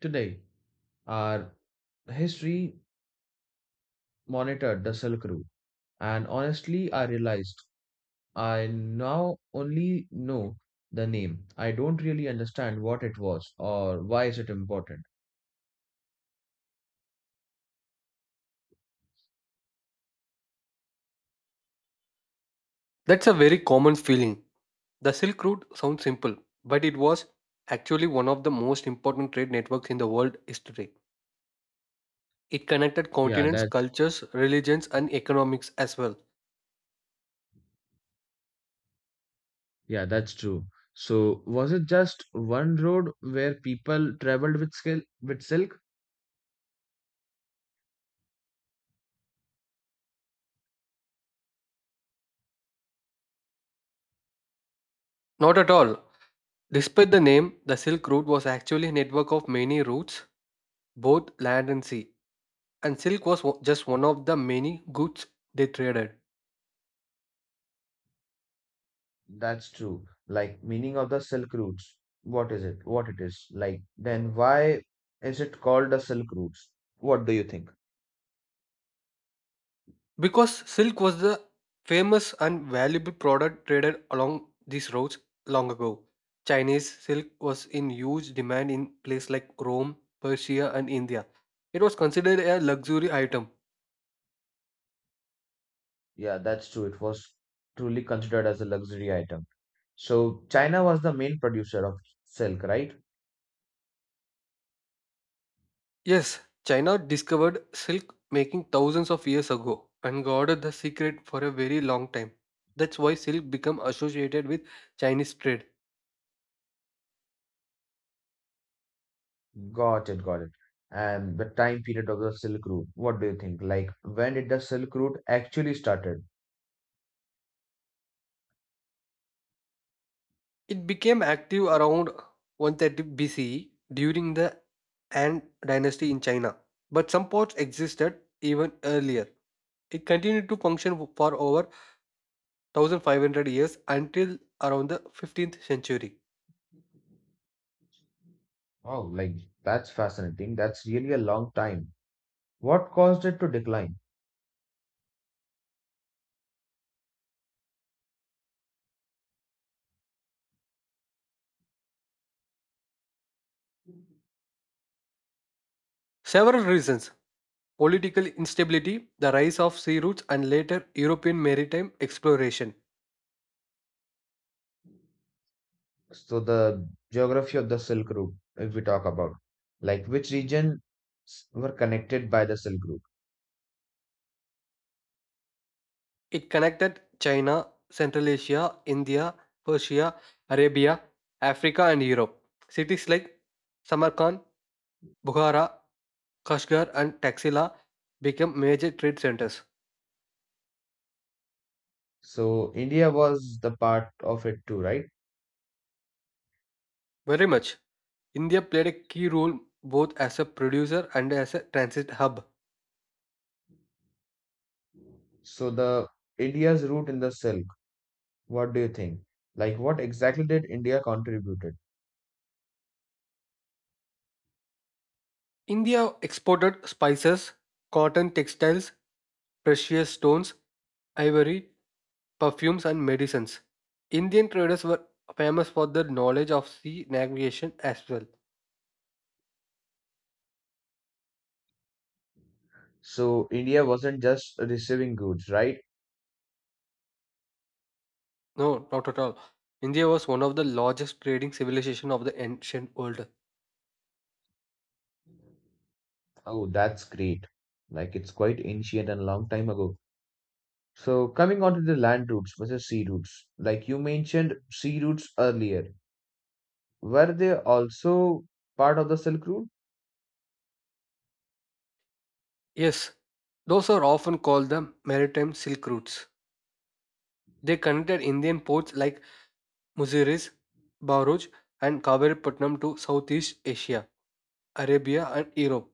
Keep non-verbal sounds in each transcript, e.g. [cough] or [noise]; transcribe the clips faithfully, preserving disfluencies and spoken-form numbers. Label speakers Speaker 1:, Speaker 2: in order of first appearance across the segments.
Speaker 1: Today, our history monitored the Silk Route, and honestly, I realized I now only know the name. I don't really understand what it was or why is it important.
Speaker 2: That's a very common feeling. The Silk Route sounds simple, but it was actually one of the most important trade networks in the world is today. It connected
Speaker 1: Yeah,
Speaker 2: continents,
Speaker 1: that
Speaker 2: cultures, religions, and economics as well.
Speaker 1: yeah, that's true. So was it just one road where people traveled with skill with silk?
Speaker 2: Not at all. Despite the name, the Silk Route was actually a network of many routes, both land and sea, and silk was o- just one of the many goods they traded.
Speaker 1: That's true. Like meaning of the silk routes. What is it? What it is? Like then why is it called the silk routes? What do you think?
Speaker 2: Because silk was the famous and valuable product traded along these routes long ago. Chinese silk was in huge demand in places like Rome, Persia, and India. It was considered a luxury item.
Speaker 1: Yeah, that's true. It was truly considered as a luxury item. So China was the main producer of silk, right?
Speaker 2: Yes, China discovered silk making thousands of years ago and guarded the secret for a very long time. That's why silk became associated with Chinese trade.
Speaker 1: Got it, got it. And the time period of the Silk Route, what do you think? Like, when did the Silk Route actually started?
Speaker 2: It became active around one thirty B C during the Han dynasty in China, but some ports existed even earlier. It continued to function for over one thousand five hundred years until around the fifteenth century.
Speaker 1: Oh, like that's fascinating. That's really a long time. What caused it to decline?
Speaker 2: Several reasons political instability, the rise of sea routes, and later European maritime exploration.
Speaker 1: So the geography of the Silk Route, if we talk about, like which region s- were connected by the Silk Route?
Speaker 2: It connected China, Central Asia, India, Persia, Arabia, Africa, and Europe. Cities like Samarkand, Bukhara, Kashgar, and Taxila became major trade centers.
Speaker 1: So India was the part of it too, right?
Speaker 2: Very much. India played a key role both as a producer and as a transit hub.
Speaker 1: So the India's route in the silk, what do you think? Like what exactly did India contributed?
Speaker 2: India exported spices, cotton textiles, precious stones, ivory, perfumes, and medicines. Indian traders were famous for their knowledge of sea navigation as well.
Speaker 1: So India wasn't just receiving goods, right?
Speaker 2: No, not at all. India was one of the largest trading civilization of the ancient world.
Speaker 1: Oh, that's great. Like it's quite ancient and a long time ago. So coming on to the land routes versus sea routes, like you mentioned sea routes earlier, were they also part of the Silk Route?
Speaker 2: Yes, those are often called the maritime silk routes. They connected Indian ports like Muziris, Baruch, and Kaviripatnam to Southeast Asia, Arabia, and Europe.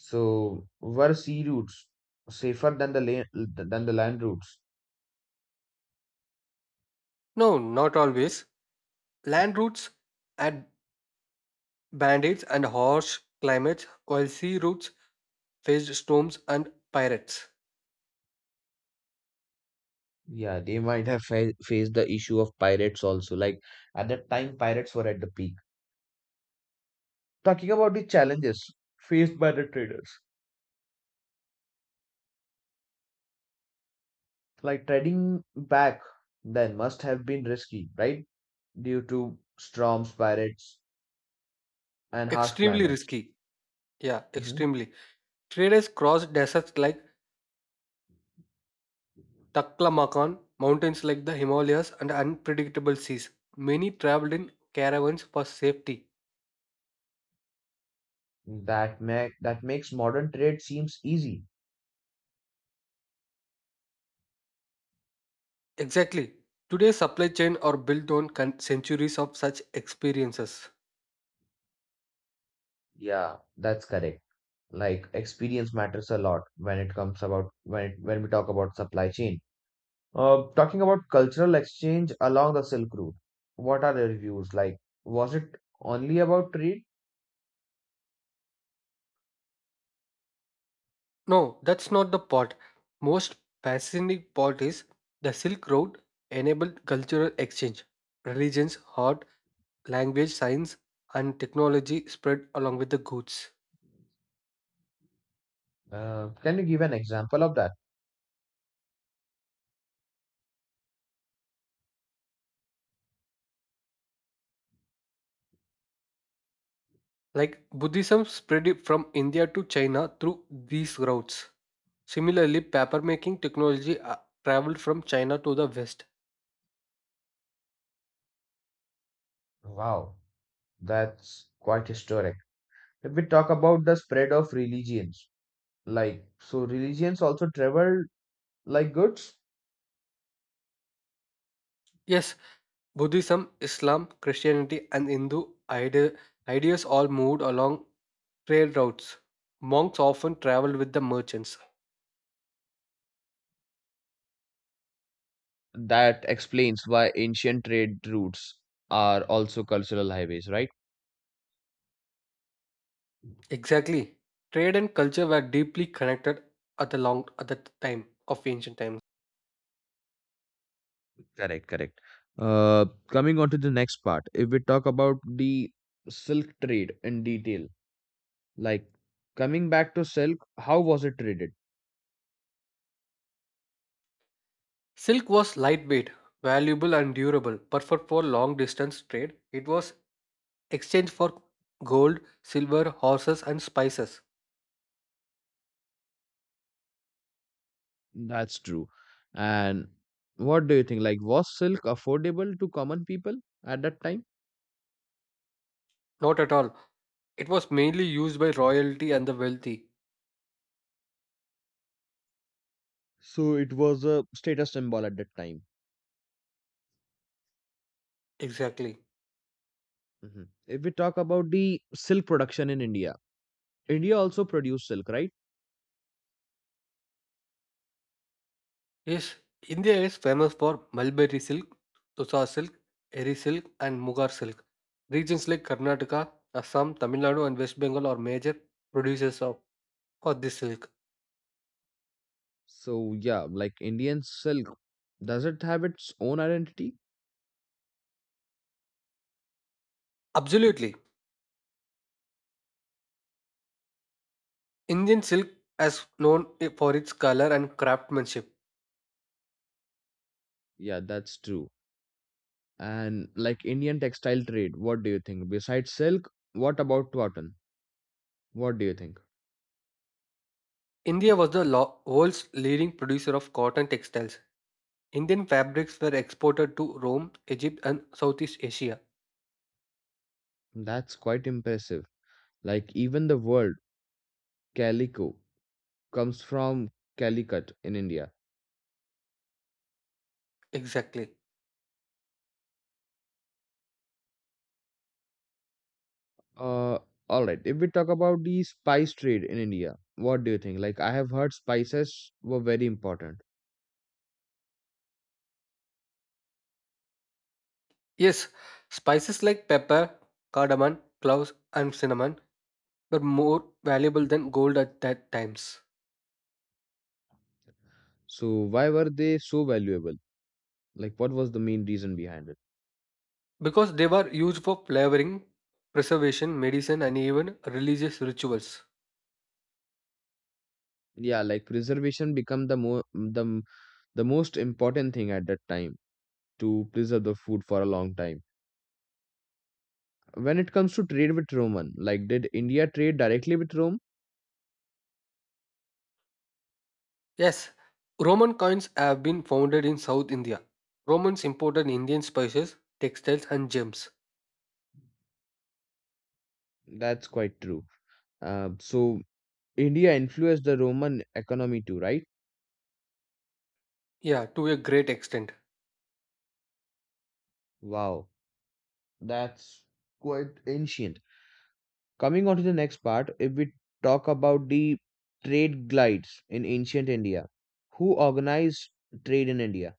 Speaker 1: So were sea routes safer than the land than the land routes?
Speaker 2: No, not always. Land routes had bandits and harsh climates, while sea routes faced storms and pirates.
Speaker 1: Yeah, they might have fa faced the issue of pirates also. Like at that time, pirates were at the peak. Talking about the challenges faced by the traders, like trading back then must have been risky, right? Due to storms, pirates, and harsh
Speaker 2: Extremely
Speaker 1: climates.
Speaker 2: risky. Yeah,
Speaker 1: hmm
Speaker 2: extremely. Traders crossed deserts like Taklamakan, mountains like the Himalayas, and unpredictable seas. Many traveled in caravans for safety.
Speaker 1: That make that makes modern trade seems easy.
Speaker 2: Exactly. Today's supply chain are built on con- centuries of such experiences.
Speaker 1: Yeah, that's correct. Like experience matters a lot when it comes about when it, when we talk about supply chain. Uh, talking about cultural exchange along the Silk Route, what are the reviews like? Was it only about trade?
Speaker 2: No, that's not the part. Most fascinating part is the Silk Road enabled cultural exchange. Religions, art, language, science, and technology spread along with the goods.
Speaker 1: Uh, can you give an example of that?
Speaker 2: Like Buddhism spread it from India to China through these routes. Similarly, papermaking technology uh, traveled from China to the West.
Speaker 1: Wow, that's quite historic. If we talk about the spread of religions, like, so religions also traveled like goods?
Speaker 2: Yes, Buddhism, Islam, Christianity, and Hindu ide- ideas all moved along trade routes. Monks often traveled with the merchants.
Speaker 1: That explains why ancient trade routes are also cultural highways, right?
Speaker 2: Exactly. Trade and culture were deeply connected at the long at the time of ancient times.
Speaker 1: Correct, correct. Uh, coming on to the next part, if we talk about the silk trade in detail, like coming back to silk, how was it traded?
Speaker 2: Silk was lightweight, valuable and durable, perfect for long distance trade. It was exchanged for gold, silver, horses and spices.
Speaker 1: That's true. And what do you think? Like, was silk affordable to common people at that time?
Speaker 2: Not at all. It was mainly used by royalty and the wealthy.
Speaker 1: So it was a status symbol at that time.
Speaker 2: Exactly.
Speaker 1: Mhm. If we talk about the silk production in India, India also produced silk, right?
Speaker 2: Yes, India is famous for mulberry silk, Tusa silk, Eri silk, and Mugar silk. Regions like Karnataka, Assam, Tamil Nadu, and West Bengal are major producers of for this silk.
Speaker 1: So, yeah, like Indian silk, does it have its own identity?
Speaker 2: Absolutely, Indian silk is known i- for its color and craftsmanship.
Speaker 1: Yeah, that's true. And like Indian textile trade, what do you think? Besides silk, what about cotton? What do you think?
Speaker 2: India was the lo- world's leading producer of cotton textiles. Indian fabrics were exported to Rome, Egypt, and Southeast Asia.
Speaker 1: That's quite impressive. Like even the word calico comes from Calicut in India.
Speaker 2: Exactly.
Speaker 1: Uh, all right. If we talk about the spice trade in India, what do you think? Like I have heard spices were very important.
Speaker 2: Yes, spices like pepper, cardamom, cloves, and cinnamon were more valuable than gold at that times
Speaker 1: So why were they so valuable? Like what was the main reason behind it?
Speaker 2: because they were used for flavoring, preservation, medicine, and even religious rituals.
Speaker 1: Yeah, like preservation become the more the m- the most important thing at that time to preserve the food for a long time. When it comes to trade with Roman, like did India trade directly with Rome?
Speaker 2: Yes, Roman coins have been founded in South India. Romans imported Indian spices, textiles, and gems.
Speaker 1: That's quite true. Uh, so India influenced the Roman economy too, right?
Speaker 2: Yeah, to a great extent.
Speaker 1: Wow, that's quite ancient. Coming on to the next part, if we talk about the trade glides in ancient India, who organized trade in India?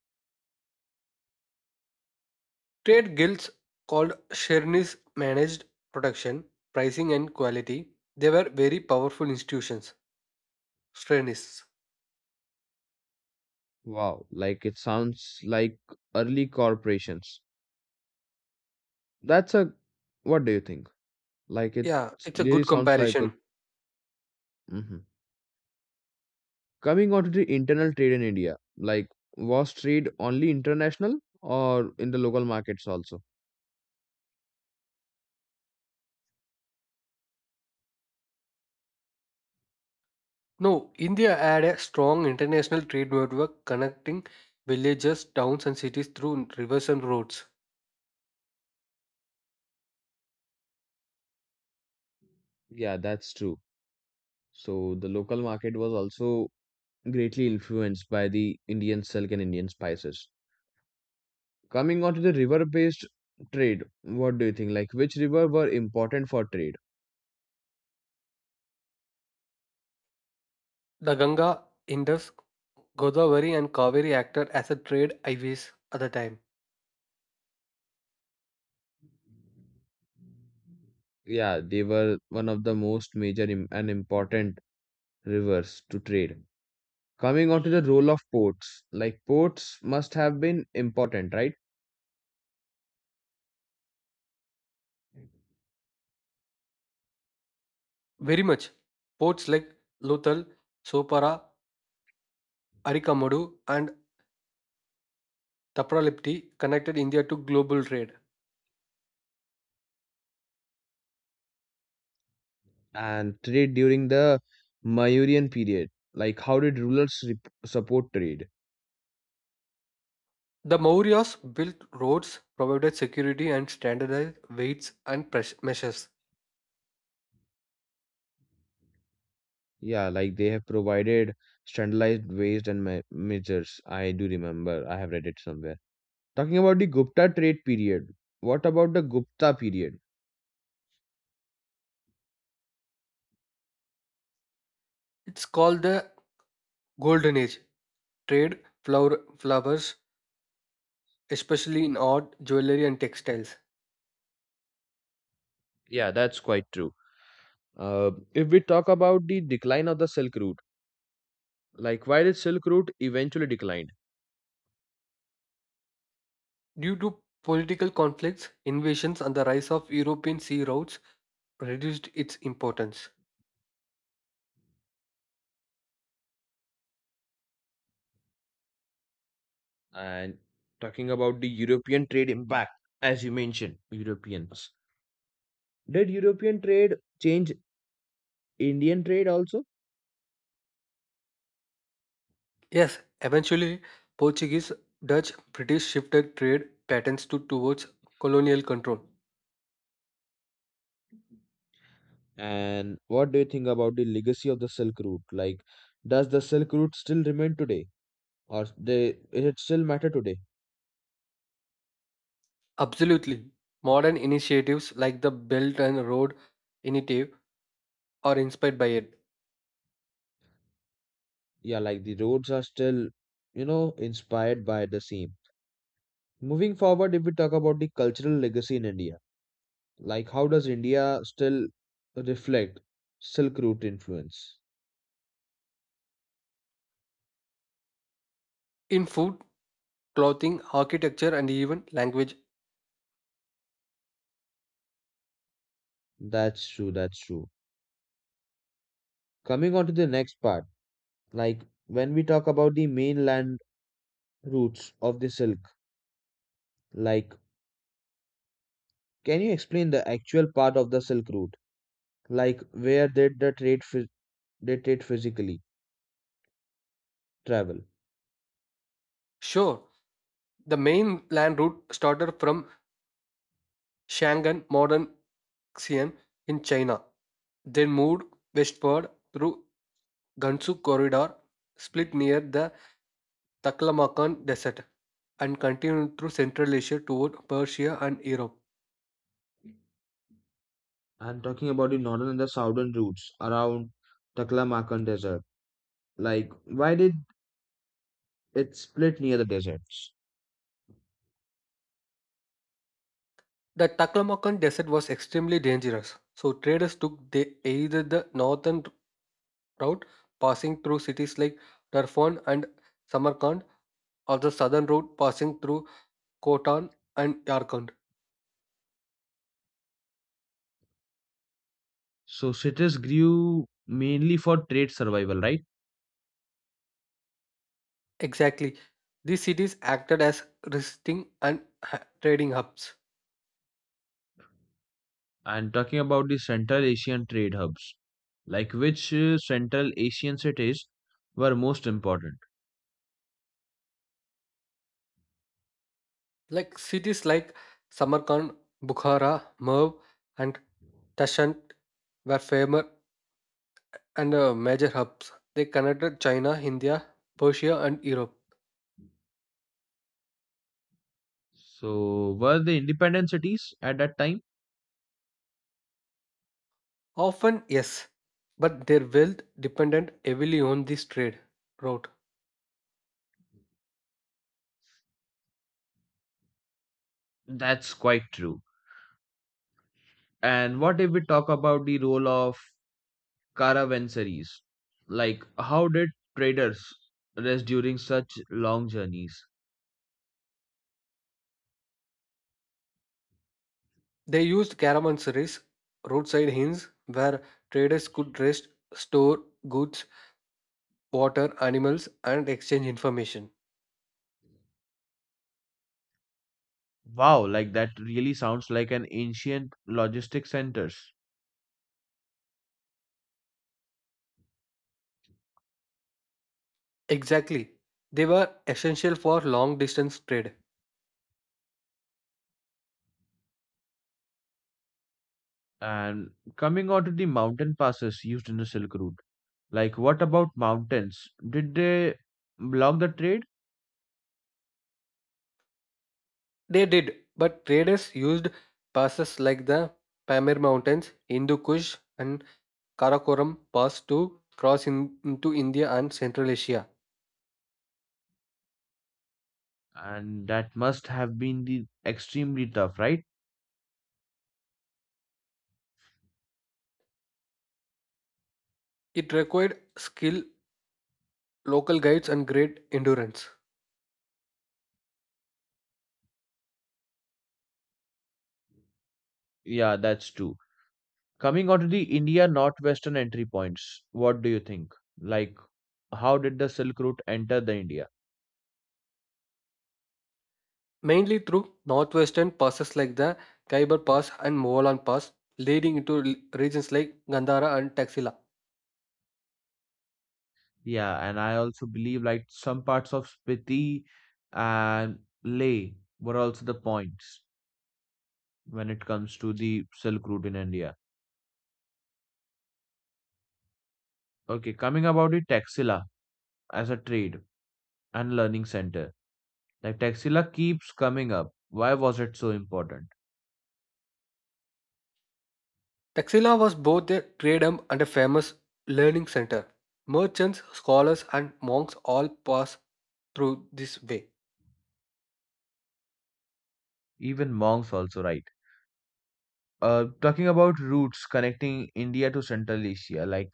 Speaker 2: Trade guilds called Shernis managed production, pricing, and quality. They were very powerful institutions. Shernis.
Speaker 1: Wow, like it sounds like early corporations. That's a, what do you think? Like it
Speaker 2: Yeah, it's a
Speaker 1: really
Speaker 2: good
Speaker 1: sounds like a,
Speaker 2: comparison.
Speaker 1: mhm. Coming on to the internal trade in India, like was trade only international or in the local markets also?
Speaker 2: No, India had a strong international trade network connecting villages, towns, and cities through rivers and roads.
Speaker 1: Yeah, that's true. So the local market was also greatly influenced by the Indian silk and Indian spices. Coming on to the river-based trade, what do you think? Like which river were important for trade?
Speaker 2: The Ganga, Indus, Godavari, and Kaveri acted as a trade highways at the time.
Speaker 1: Yeah, they were one of the most major im- and important rivers to trade. Coming on to the role of ports, like ports must have been important, right?
Speaker 2: Very much. Ports like Lothal, Sopara, Arikamadu, and Tapralipti connected India to global trade.
Speaker 1: And trade during the Mayurian period. Like, how did rulers rep- support trade?
Speaker 2: The Mauryas built roads, provided security, and standardized weights and pres- measures.
Speaker 1: Yeah, like they have provided standardized weights and me- measures. I do remember, I have read it somewhere. Talking about the Gupta trade period, what about the Gupta period?
Speaker 2: It's called the Golden Age. Trade flower, flowers especially in art, jewelry, and textiles.
Speaker 1: Yeah, that's quite true. Uh, if we talk about the decline of the Silk Route, like why did Silk Route eventually declined?
Speaker 2: Due to political conflicts, invasions, and the rise of European sea routes, reduced its importance.
Speaker 1: And talking about the European trade impact, as you mentioned, Europeans. Did European trade change Indian trade also?
Speaker 2: Yes, eventually, Portuguese, Dutch, British shifted trade patterns to towards colonial control.
Speaker 1: And what do you think about the legacy of the Silk Route? Like, does the Silk Route still remain today, or they is it still matter today?
Speaker 2: Absolutely. Modern initiatives like the Belt and Road Initiative are inspired by it.
Speaker 1: Yeah, like the roads are still, you know, inspired by the same. Moving forward, if we talk about the cultural legacy in India, like how does India still reflect Silk Route influence?
Speaker 2: In food, clothing, architecture, and even language.
Speaker 1: That's true. That's true. Coming on to the next part, like when we talk about the mainland routes of the silk, like can you explain the actual part of the Silk Route? Like where did the trade phys- they trade physically travel?
Speaker 2: Sure, the main land route started from Shangan, modern Xi'an in China, then moved westward through Gansu Corridor, split near the Taklamakan Desert, and continued through Central Asia toward Persia and Europe.
Speaker 1: I'm talking about the northern and the southern routes around Taklamakan Desert. Like why did it split near the deserts?
Speaker 2: The Taklamakan Desert was extremely dangerous, so traders took the, either the northern route passing through cities like Darfan and Samarkand or the southern route passing through Khotan and Yarkand.
Speaker 1: So cities grew mainly for trade survival, right?
Speaker 2: Exactly. These cities acted as resting and ha- trading hubs.
Speaker 1: And talking about the Central Asian trade hubs, like which uh, Central Asian cities were most important?
Speaker 2: Like cities like Samarkand, Bukhara, Merv, and Tashkent were famous and uh, major hubs. They connected China, India, Persia, and Europe.
Speaker 1: So were they independent cities at that time?
Speaker 2: Often, yes, but their wealth depended heavily on this trade route.
Speaker 1: That's quite true. And what if we talk about the role of caravansaries? Like, how did traders rest during such long journeys?
Speaker 2: They used caravanserais, roadside inns, where traders could rest, store goods, water, animals, and exchange information.
Speaker 1: Wow, like that really sounds like an ancient logistic centers.
Speaker 2: Exactly. They were essential for long distance trade.
Speaker 1: And coming on to the mountain passes used in the Silk Route, like what about mountains? Did they block the trade?
Speaker 2: They did, but traders used passes like the Pamir Mountains, Hindu Kush, and Karakoram Pass to cross in- into India and Central Asia.
Speaker 1: And that must have been the extremely tough, right?
Speaker 2: It required skill, local guides, and great endurance.
Speaker 1: Yeah, that's true. Coming on to the India northwestern entry points, what do you think? Like, how did the Silk Route enter the India?
Speaker 2: Mainly through northwestern passes like the Khyber Pass and Mogollon Pass, leading into l- regions like Gandhara and Taxila.
Speaker 1: Yeah, and I also believe like some parts of Spiti and Leh were also the points when it comes to the Silk Route in India. Okay, coming about the Taxila as a trade and learning center. Like Taxila keeps coming up. Why was it so important?
Speaker 2: Taxila was both a trade hub and a famous learning center. Merchants, scholars, and monks all passed through this way.
Speaker 1: Even monks also right. Uh, talking about routes connecting India to Central Asia, like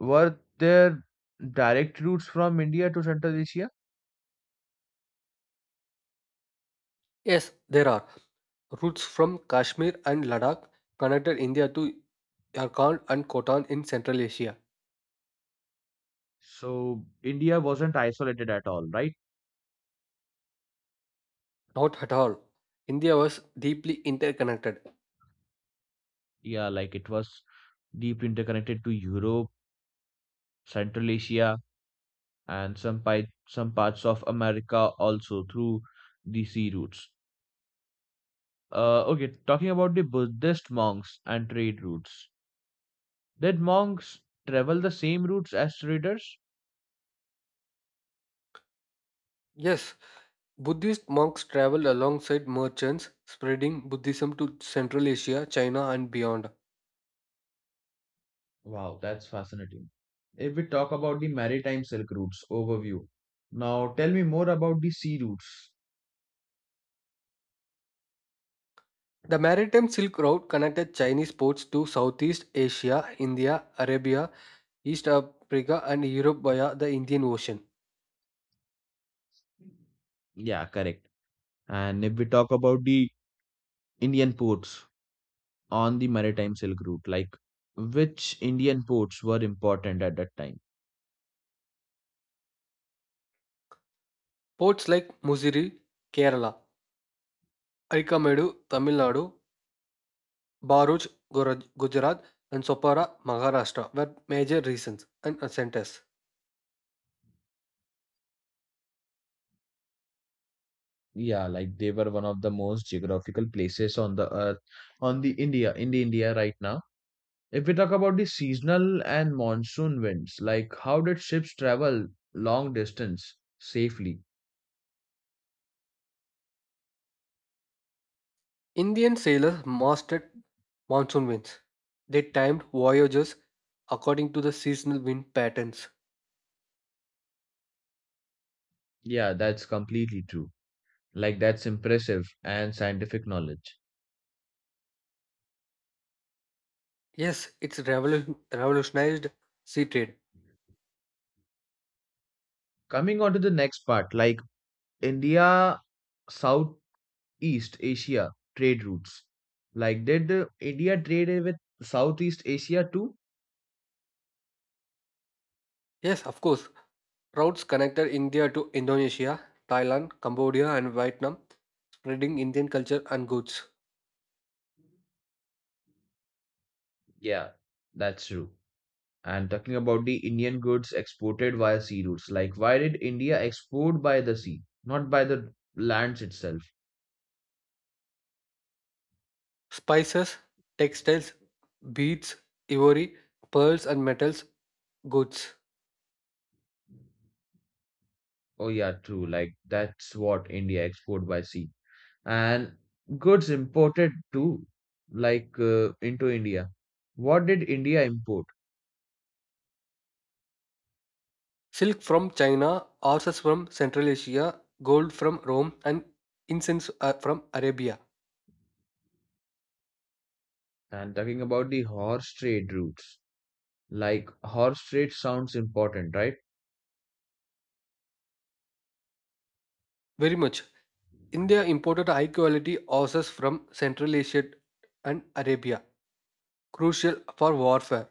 Speaker 1: were there direct routes from India to Central Asia?
Speaker 2: Yes, there are routes from Kashmir and Ladakh connected India to Yarkand and Khotan in Central Asia.
Speaker 1: So India wasn't isolated at all, right?
Speaker 2: Not at all. India was deeply interconnected.
Speaker 1: Yeah, like it was deeply interconnected to Europe, Central Asia, and some pi- some parts of America also through the sea routes. Uh, okay, talking about the Buddhist monks and trade routes. Did monks travel the same routes as traders?
Speaker 2: Yes, Buddhist monks traveled alongside merchants, spreading Buddhism to Central Asia, China, and beyond.
Speaker 1: Wow, that's fascinating. If we talk about the maritime silk routes overview, now tell me more about the sea routes.
Speaker 2: The maritime Silk Road connected Chinese ports to Southeast Asia, India, Arabia, East Africa, and Europe via the Indian Ocean.
Speaker 1: Yeah, correct. And if we talk about the Indian ports on the maritime Silk Route. Like, which Indian ports were important at that time?
Speaker 2: Ports like Musiri, Kerala, Arikamedu, Tamil Nadu, Baruch, Guraj- Gujarat, and Sopara, Maharashtra were major reasons and centers.
Speaker 1: Yeah, like they were one of the most geographical places on the earth, on the India, in the India right now. If we talk about the seasonal and monsoon winds, like how did ships travel long distance safely?
Speaker 2: Indian sailors mastered monsoon winds. They timed voyages according to the seasonal wind patterns.
Speaker 1: Yeah, that's completely true. Like that's impressive and scientific knowledge.
Speaker 2: Yes, it's revolu- revolutionized sea trade.
Speaker 1: Coming on to the next part, like India South East Asia trade routes. Like, did uh, India trade with Southeast Asia too?
Speaker 2: Yes, of course. Routes connected India to Indonesia, Thailand, Cambodia, and Vietnam, spreading Indian culture and goods.
Speaker 1: Yeah, that's true. And talking about the Indian goods exported via sea routes, like, why did India export by the sea, not by the lands itself?
Speaker 2: Spices, textiles, beads, ivory, pearls, and metals goods.
Speaker 1: Oh, yeah, true. Like, that's what India export by sea. And goods imported too, like, uh, into India. What did India import?
Speaker 2: Silk from China, horses from Central Asia, gold from Rome, and incense uh, from Arabia.
Speaker 1: And talking about the horse trade routes. Like horse trade sounds important, right?
Speaker 2: Very much. India imported high quality horses from Central Asia and Arabia, crucial for warfare.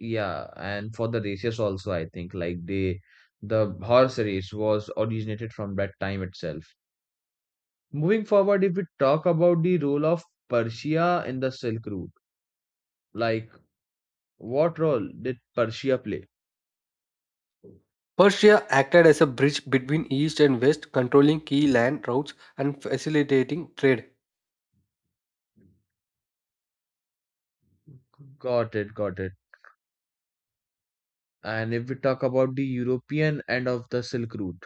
Speaker 1: Yeah, and for the races also, I think like they the horse race was originated from that time itself. Moving forward, if we talk about the role of Persia in the Silk Route, like what role did Persia play?
Speaker 2: Persia acted as a bridge between East and West, controlling key land routes and facilitating trade.
Speaker 1: Got it, got it. And if we talk about the European end of the Silk Route,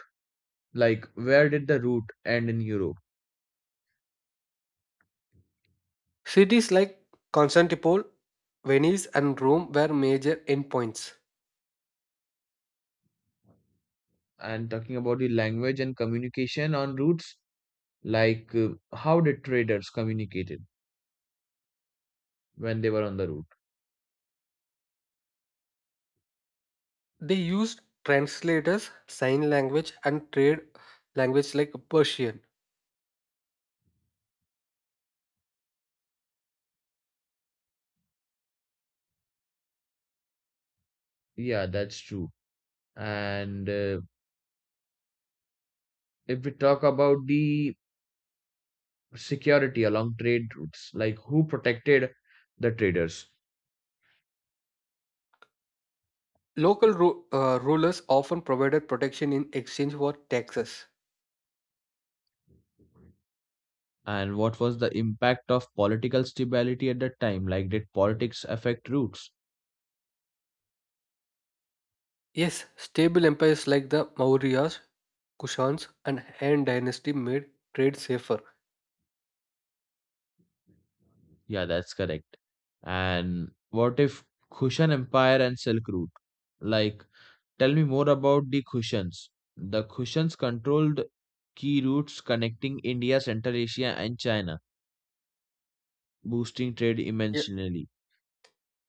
Speaker 1: like where did the route end in Europe?
Speaker 2: Cities like Constantinople, Venice, and Rome were major endpoints.
Speaker 1: And talking about the language and communication on routes, like, uh, how did traders communicated when they were on the route?
Speaker 2: They used translators, sign language, and trade language like Persian.
Speaker 1: Yeah, that's true. And uh, if we talk about the security along trade routes, like who protected the traders
Speaker 2: Local ru- uh, rulers often provided protection in exchange for taxes.
Speaker 1: and what was the impact of political stability at that time? Like, did politics affect routes?
Speaker 2: Yes, stable empires like the Mauryas, Kushans, and Han dynasty made trade safer.
Speaker 1: Yeah, that's correct. And what if Kushan Empire and Silk Route? Like, tell me more about the Kushans. The Kushans controlled key routes connecting India, Central Asia, and China, boosting trade
Speaker 2: Yeah,
Speaker 1: immensely.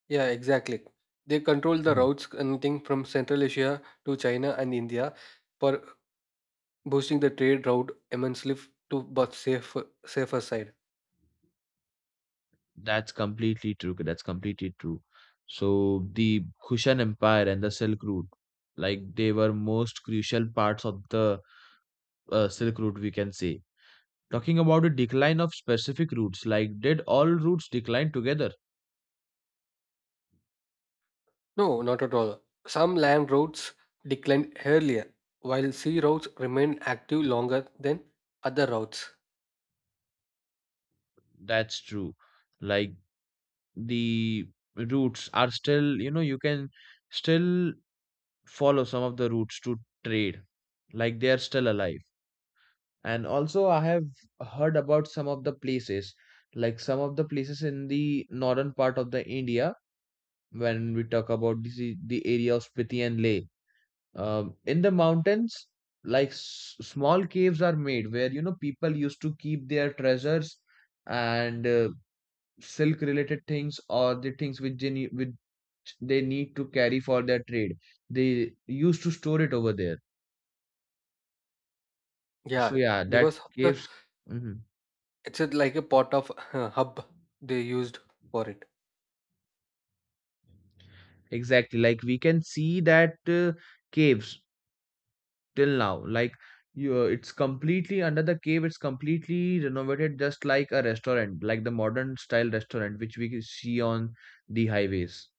Speaker 2: yeah, exactly. They controlled the
Speaker 1: Hmm.
Speaker 2: routes connecting from Central Asia to China and India for boosting the trade route immensely f- to both safer safer side.
Speaker 1: That's completely true. Okay, that's completely true. So the Kushan Empire and the Silk Route, like they were most crucial parts of the uh, Silk Route, we can say. Talking about the decline of specific routes, like did all routes decline together?
Speaker 2: No, not at all. Some land routes declined earlier, while sea routes remained active longer than other routes.
Speaker 1: That's true. Like the routes are still, you know, you can still follow some of the routes to trade, like they are still alive. And also I have heard about some of the places, like some of the places in the northern part of the India, when we talk about the the area of Spiti and Leh, um, in the mountains, like s- small caves are made where, you know, people used to keep their treasures and uh, silk related things or the things which they need which they need to carry for their trade. They used to store it over there. So
Speaker 2: Yeah,
Speaker 1: yeah, that
Speaker 2: because of the
Speaker 1: caves. Mhm.
Speaker 2: it's a- like a part of uh, hub they used for it.
Speaker 1: Exactly, like we can see that uh, caves till now. Like you, it's completely under the cave. It's completely renovated just like a restaurant, like the modern style restaurant which we see on the highways.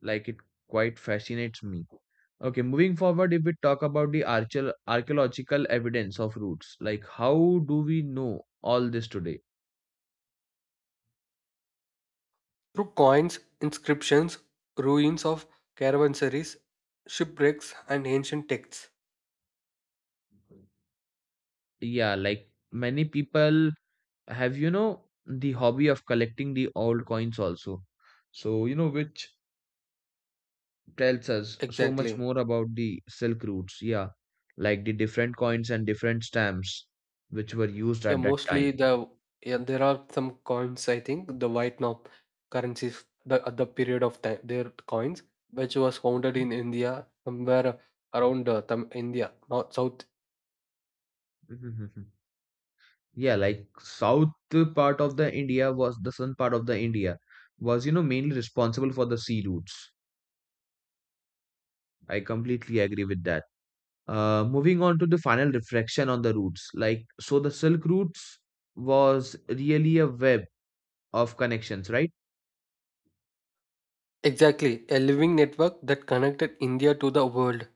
Speaker 1: Like it quite fascinates me. Okay, moving forward, if we talk about the archeo- archaeological evidence of roots, like how do we know all this today?
Speaker 2: Through coins, inscriptions, ruins of caravansaries, shipwrecks, and ancient texts.
Speaker 1: Yeah, like many people have, you know, the hobby of collecting the old coins also, so you know which tells us so much
Speaker 2: Exactly.
Speaker 1: more about the silk routes. Yeah, like the different coins and different stamps which were used
Speaker 2: Yeah,
Speaker 1: at that
Speaker 2: mostly
Speaker 1: time.
Speaker 2: the yeah, there are some coins, I think, the Vietnam currencies the at the period of time their coins, which was founded in India, somewhere around uh, Tam India, not South.
Speaker 1: Mhm. [laughs] Yeah, like south part of the India was the southern part of the india was you know, mainly responsible for the sea routes. I completely agree with that. Uh, moving on to the final reflection on the routes, like so the silk routes was really a web of connections, right?
Speaker 2: Exactly, a living network that connected India to the world.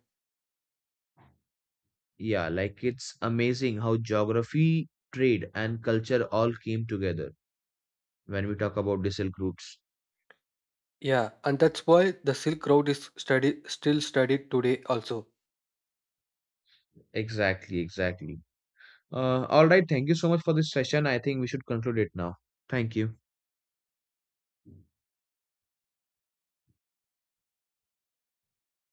Speaker 1: Yeah, like it's amazing how geography, trade and culture all came together when we talk about the silk routes.
Speaker 2: Yeah, and that's why the Silk Road is studied still studied today also.
Speaker 1: Exactly exactly uh, All right, thank you so much for this session. I think we should conclude it now. Thank you.